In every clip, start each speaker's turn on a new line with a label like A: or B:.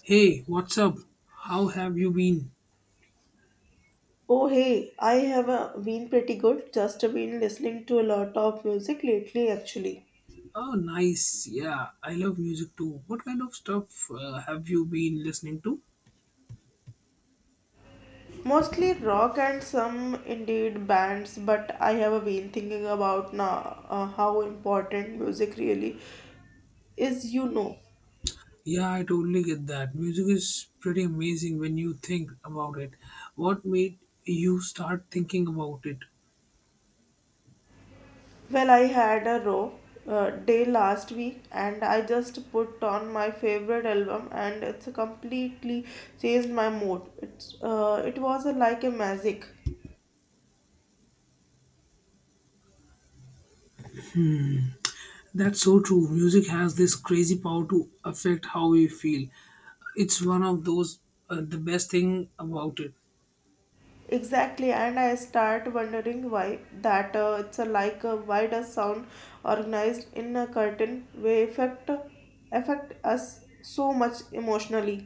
A: Hey, what's up? How have you been?
B: Oh hey, I have been pretty good. Just been listening to a lot of music lately actually.
A: Oh, nice. Yeah, I love music too. What kind of stuff have you been listening to?
B: Mostly rock and some indeed bands, but I have been thinking about now how important music really is,
A: Yeah, I totally get that. Music is pretty amazing when you think about it. What made you start thinking about it?
B: Well, I had a row day last week and I just put on my favorite album and it's completely changed my mood. It was like a magic.
A: That's so true. Music has this crazy power to affect how we feel. It's one of those the best thing about it.
B: Exactly, and I start wondering why that it's a like why does sound organized in a curtain way affect us so much emotionally.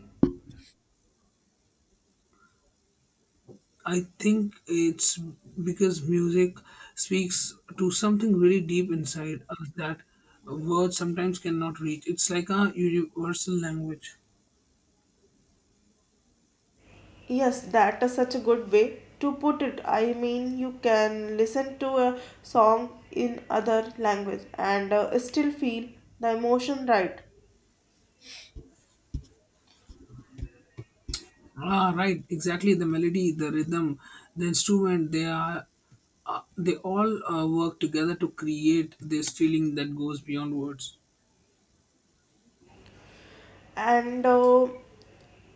A: I think it's because music speaks to something really deep inside us that words sometimes cannot reach. It's like a universal language.
B: Yes, that is such a good way to put it. I mean, you can listen to a song in other language and still feel the emotion, right?
A: Ah, right, exactly. The melody, the rhythm, the instrument, they all work together to create this feeling that goes beyond words.
B: And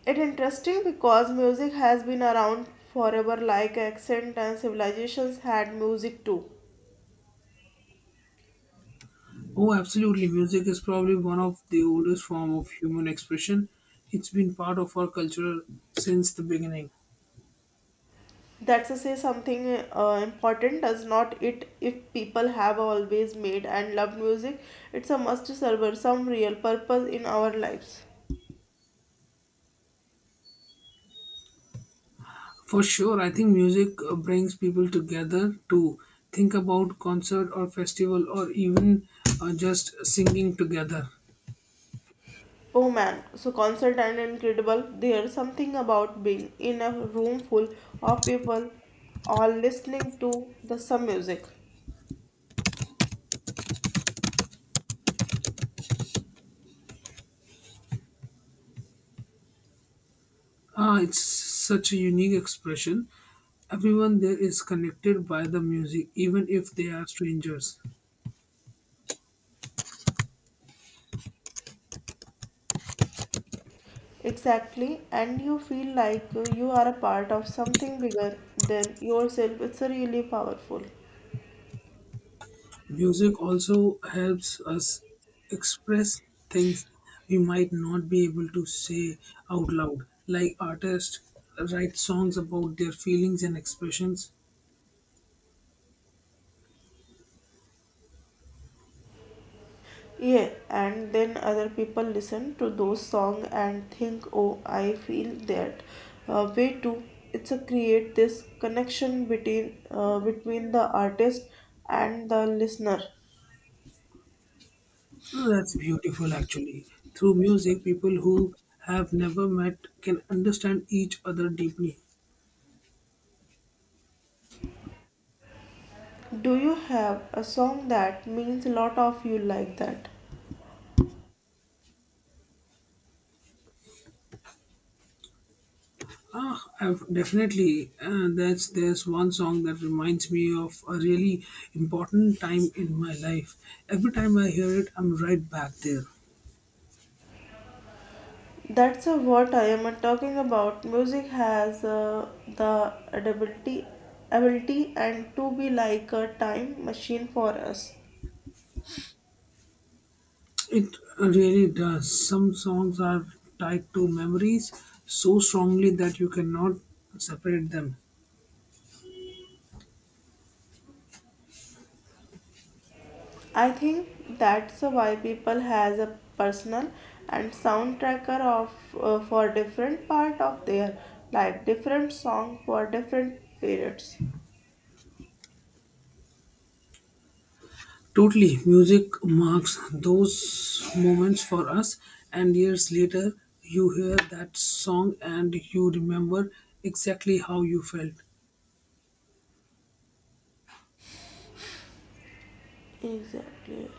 B: it interesting because music has been around forever, like accent and civilizations had music too.
A: Oh, absolutely. Music is probably one of the oldest form of human expression. It's been part of our culture since the beginning.
B: That's to say something important, does not it? If people have always made and loved music, it's a must serve some real purpose in our lives.
A: For sure, I think music brings people together to think about concert or festival or even just singing together.
B: Oh man, so concert and incredible, there's something about being in a room full of people all listening to the some music.
A: Ah, it's such a unique expression. Everyone there is connected by the music, even if they are strangers.
B: Exactly, and you feel like you are a part of something bigger than yourself. It's really powerful.
A: Music also helps us express things we might not be able to say out loud, like artists write songs about their feelings and expressions.
B: Yeah, and then other people listen to those song and think, oh, I feel that way too. It's a create this connection between between the artist and the listener.
A: Oh, that's beautiful, actually. Through music, people who have never met can understand each other deeply.
B: Do you have a song that means a lot of you like that?
A: Ah, I've definitely. That's there's one song that reminds me of a really important time in my life. Every time I hear it, I'm right back there.
B: That's what I am talking about. Music has uh, the ability ability and to be like a time machine for us.
A: It really does. Some songs are tied to memories so strongly that you cannot separate them.
B: I think that's why people has a personal and soundtracker of for different part of their life, different song for different periods.
A: Totally. Music marks those moments for us, and years later, you hear that song and you remember exactly how you felt.
B: Exactly.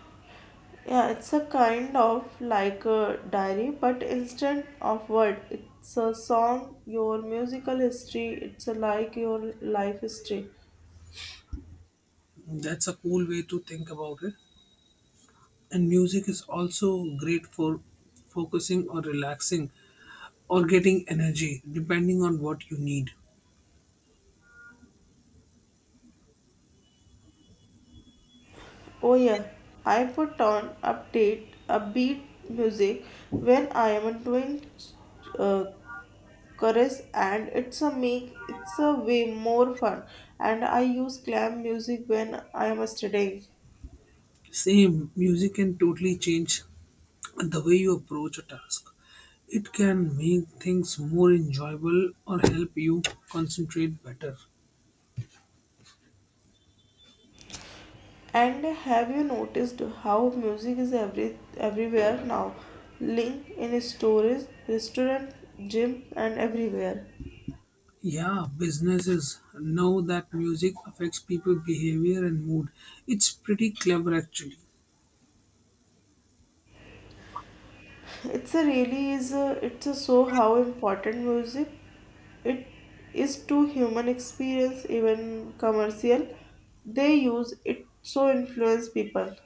B: Yeah, it's a kind of like a diary, but instead of word, it's a song, your musical history, it's a like your life history.
A: That's a cool way to think about it. And music is also great for focusing or relaxing or getting energy, depending on what you need.
B: Oh yeah, I put on update upbeat music when I am doing uh, chorus and it's a way more fun, and I use clam music when I am studying.
A: Same, music can totally change the way you approach a task. It can make things more enjoyable or help you concentrate better.
B: And have you noticed how music is everywhere now? Link in stores, restaurant, gym, and everywhere.
A: Yeah, businesses know that music affects people behavior and mood. It's pretty clever actually.
B: It's a really is a, it's a so how important music it is to human experience, even commercial. They use it so influence people.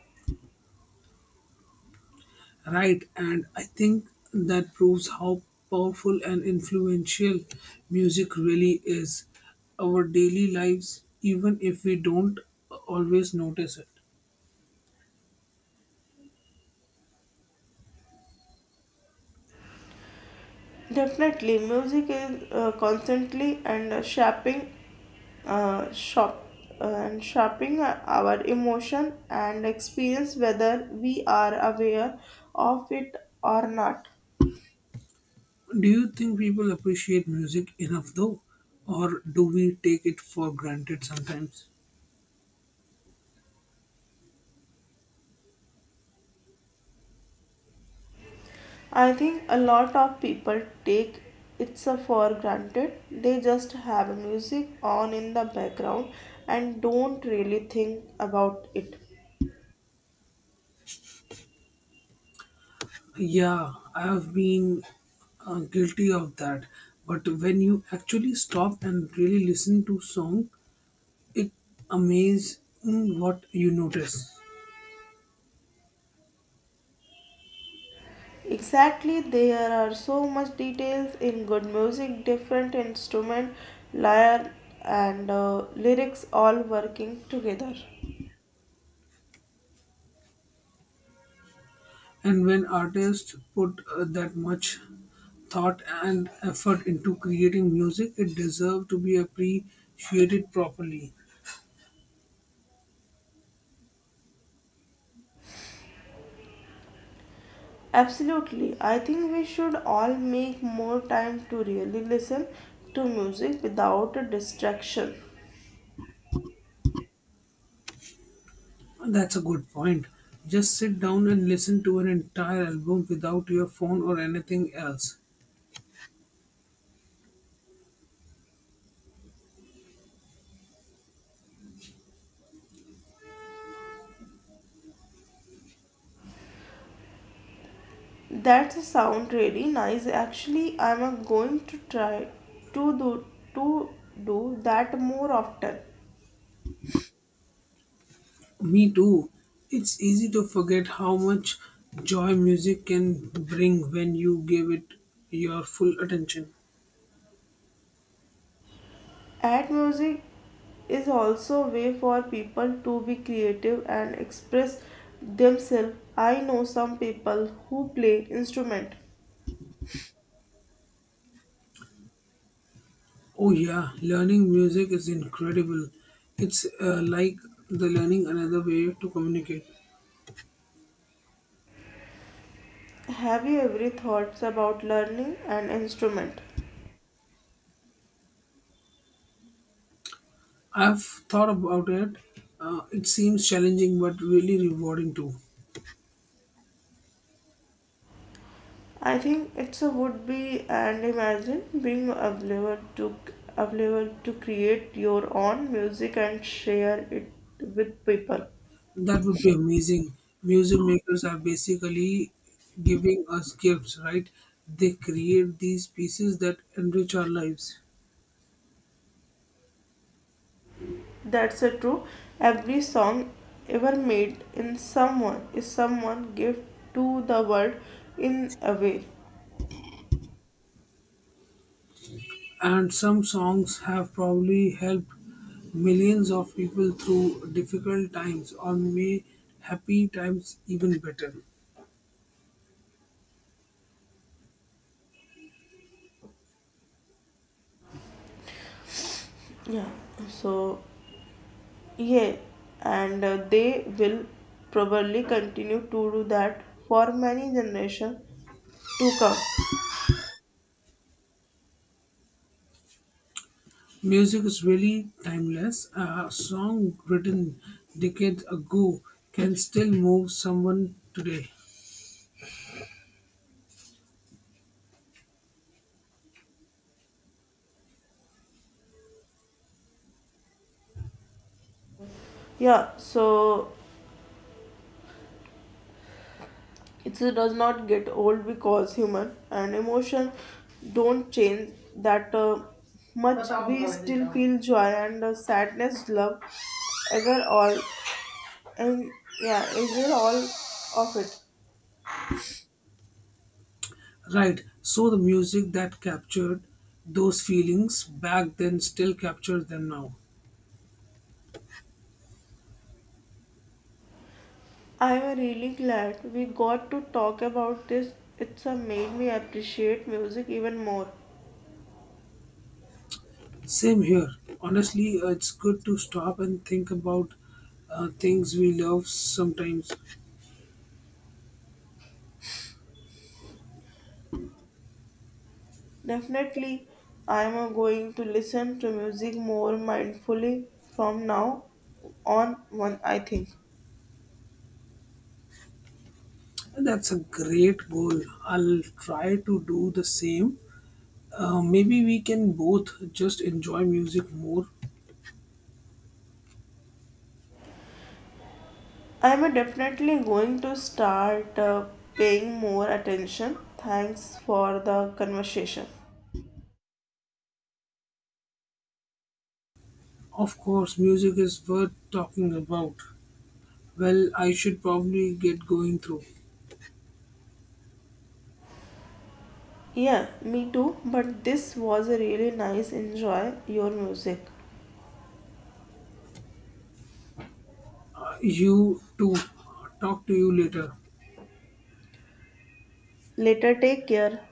A: Right, and I think that proves how powerful and influential music really is our daily lives even if we don't always notice it.
B: Definitely, music is constantly and uh, shop, shaping our emotion and experience whether we are aware of it or not.
A: Do you think people appreciate music enough though, or do we take it for granted sometimes?
B: I think a lot of people take it so for granted. They just have music on in the background and don't really think about it.
A: Yeah, I have been guilty of that. But when you actually stop and really listen to song, it amazing what you notice.
B: Exactly, there are so much details in good music, different instrument, lyre and lyrics all working together.
A: And when artists put that much thought and effort into creating music, it deserves to be appreciated properly.
B: Absolutely, I think we should all make more time to really listen to music without a distraction.
A: That's a good point. Just sit down and listen to an entire album without your phone or anything else.
B: That sound really nice. Actually, I'm going to try to do to do that more often.
A: Me too. It's easy to forget how much joy music can bring when you give it your full attention.
B: Ad music is also a way for people to be creative and express themselves. I know some people who play instrument.
A: Oh, yeah, learning music is incredible. It's like the learning another way to communicate.
B: Have you ever thoughts about learning an instrument?
A: I've thought about it. It seems challenging but really rewarding too.
B: I think it's a would be and imagine being available to create your own music and share it with people.
A: That would be amazing. Music makers are basically giving us gifts, right? They create these pieces that enrich our lives.
B: That's a true. Every song ever made in someone is someone give to the world in a way.
A: And some songs have probably helped millions of people through difficult times or may happy times even better.
B: Yeah. So yeah, and they will probably continue to do that for many generations to come.
A: Music is really timeless. A song written decades ago can still move someone today.
B: Yeah. So it does not get old because human and emotion don't change that much. We still feel joy and sadness, love, anger, all. And yeah, I did all of it.
A: Right, so the music that captured those feelings back then still captures them now.
B: I am really glad we got to talk about this. It's made me appreciate music even more.
A: Same here. Honestly, it's good to stop and think about things we love sometimes.
B: Definitely, I am going to listen to music more mindfully from now on. One, I think
A: That's a great goal. I'll try to do the same. Maybe we can both just enjoy music more.
B: I am definitely going to start paying more attention. Thanks for the conversation.
A: Of course, music is worth talking about. Well, I should probably get going through.
B: Yeah, me too. But this was a really nice enjoy your music.
A: You too. Talk to you later.
B: Later, take care.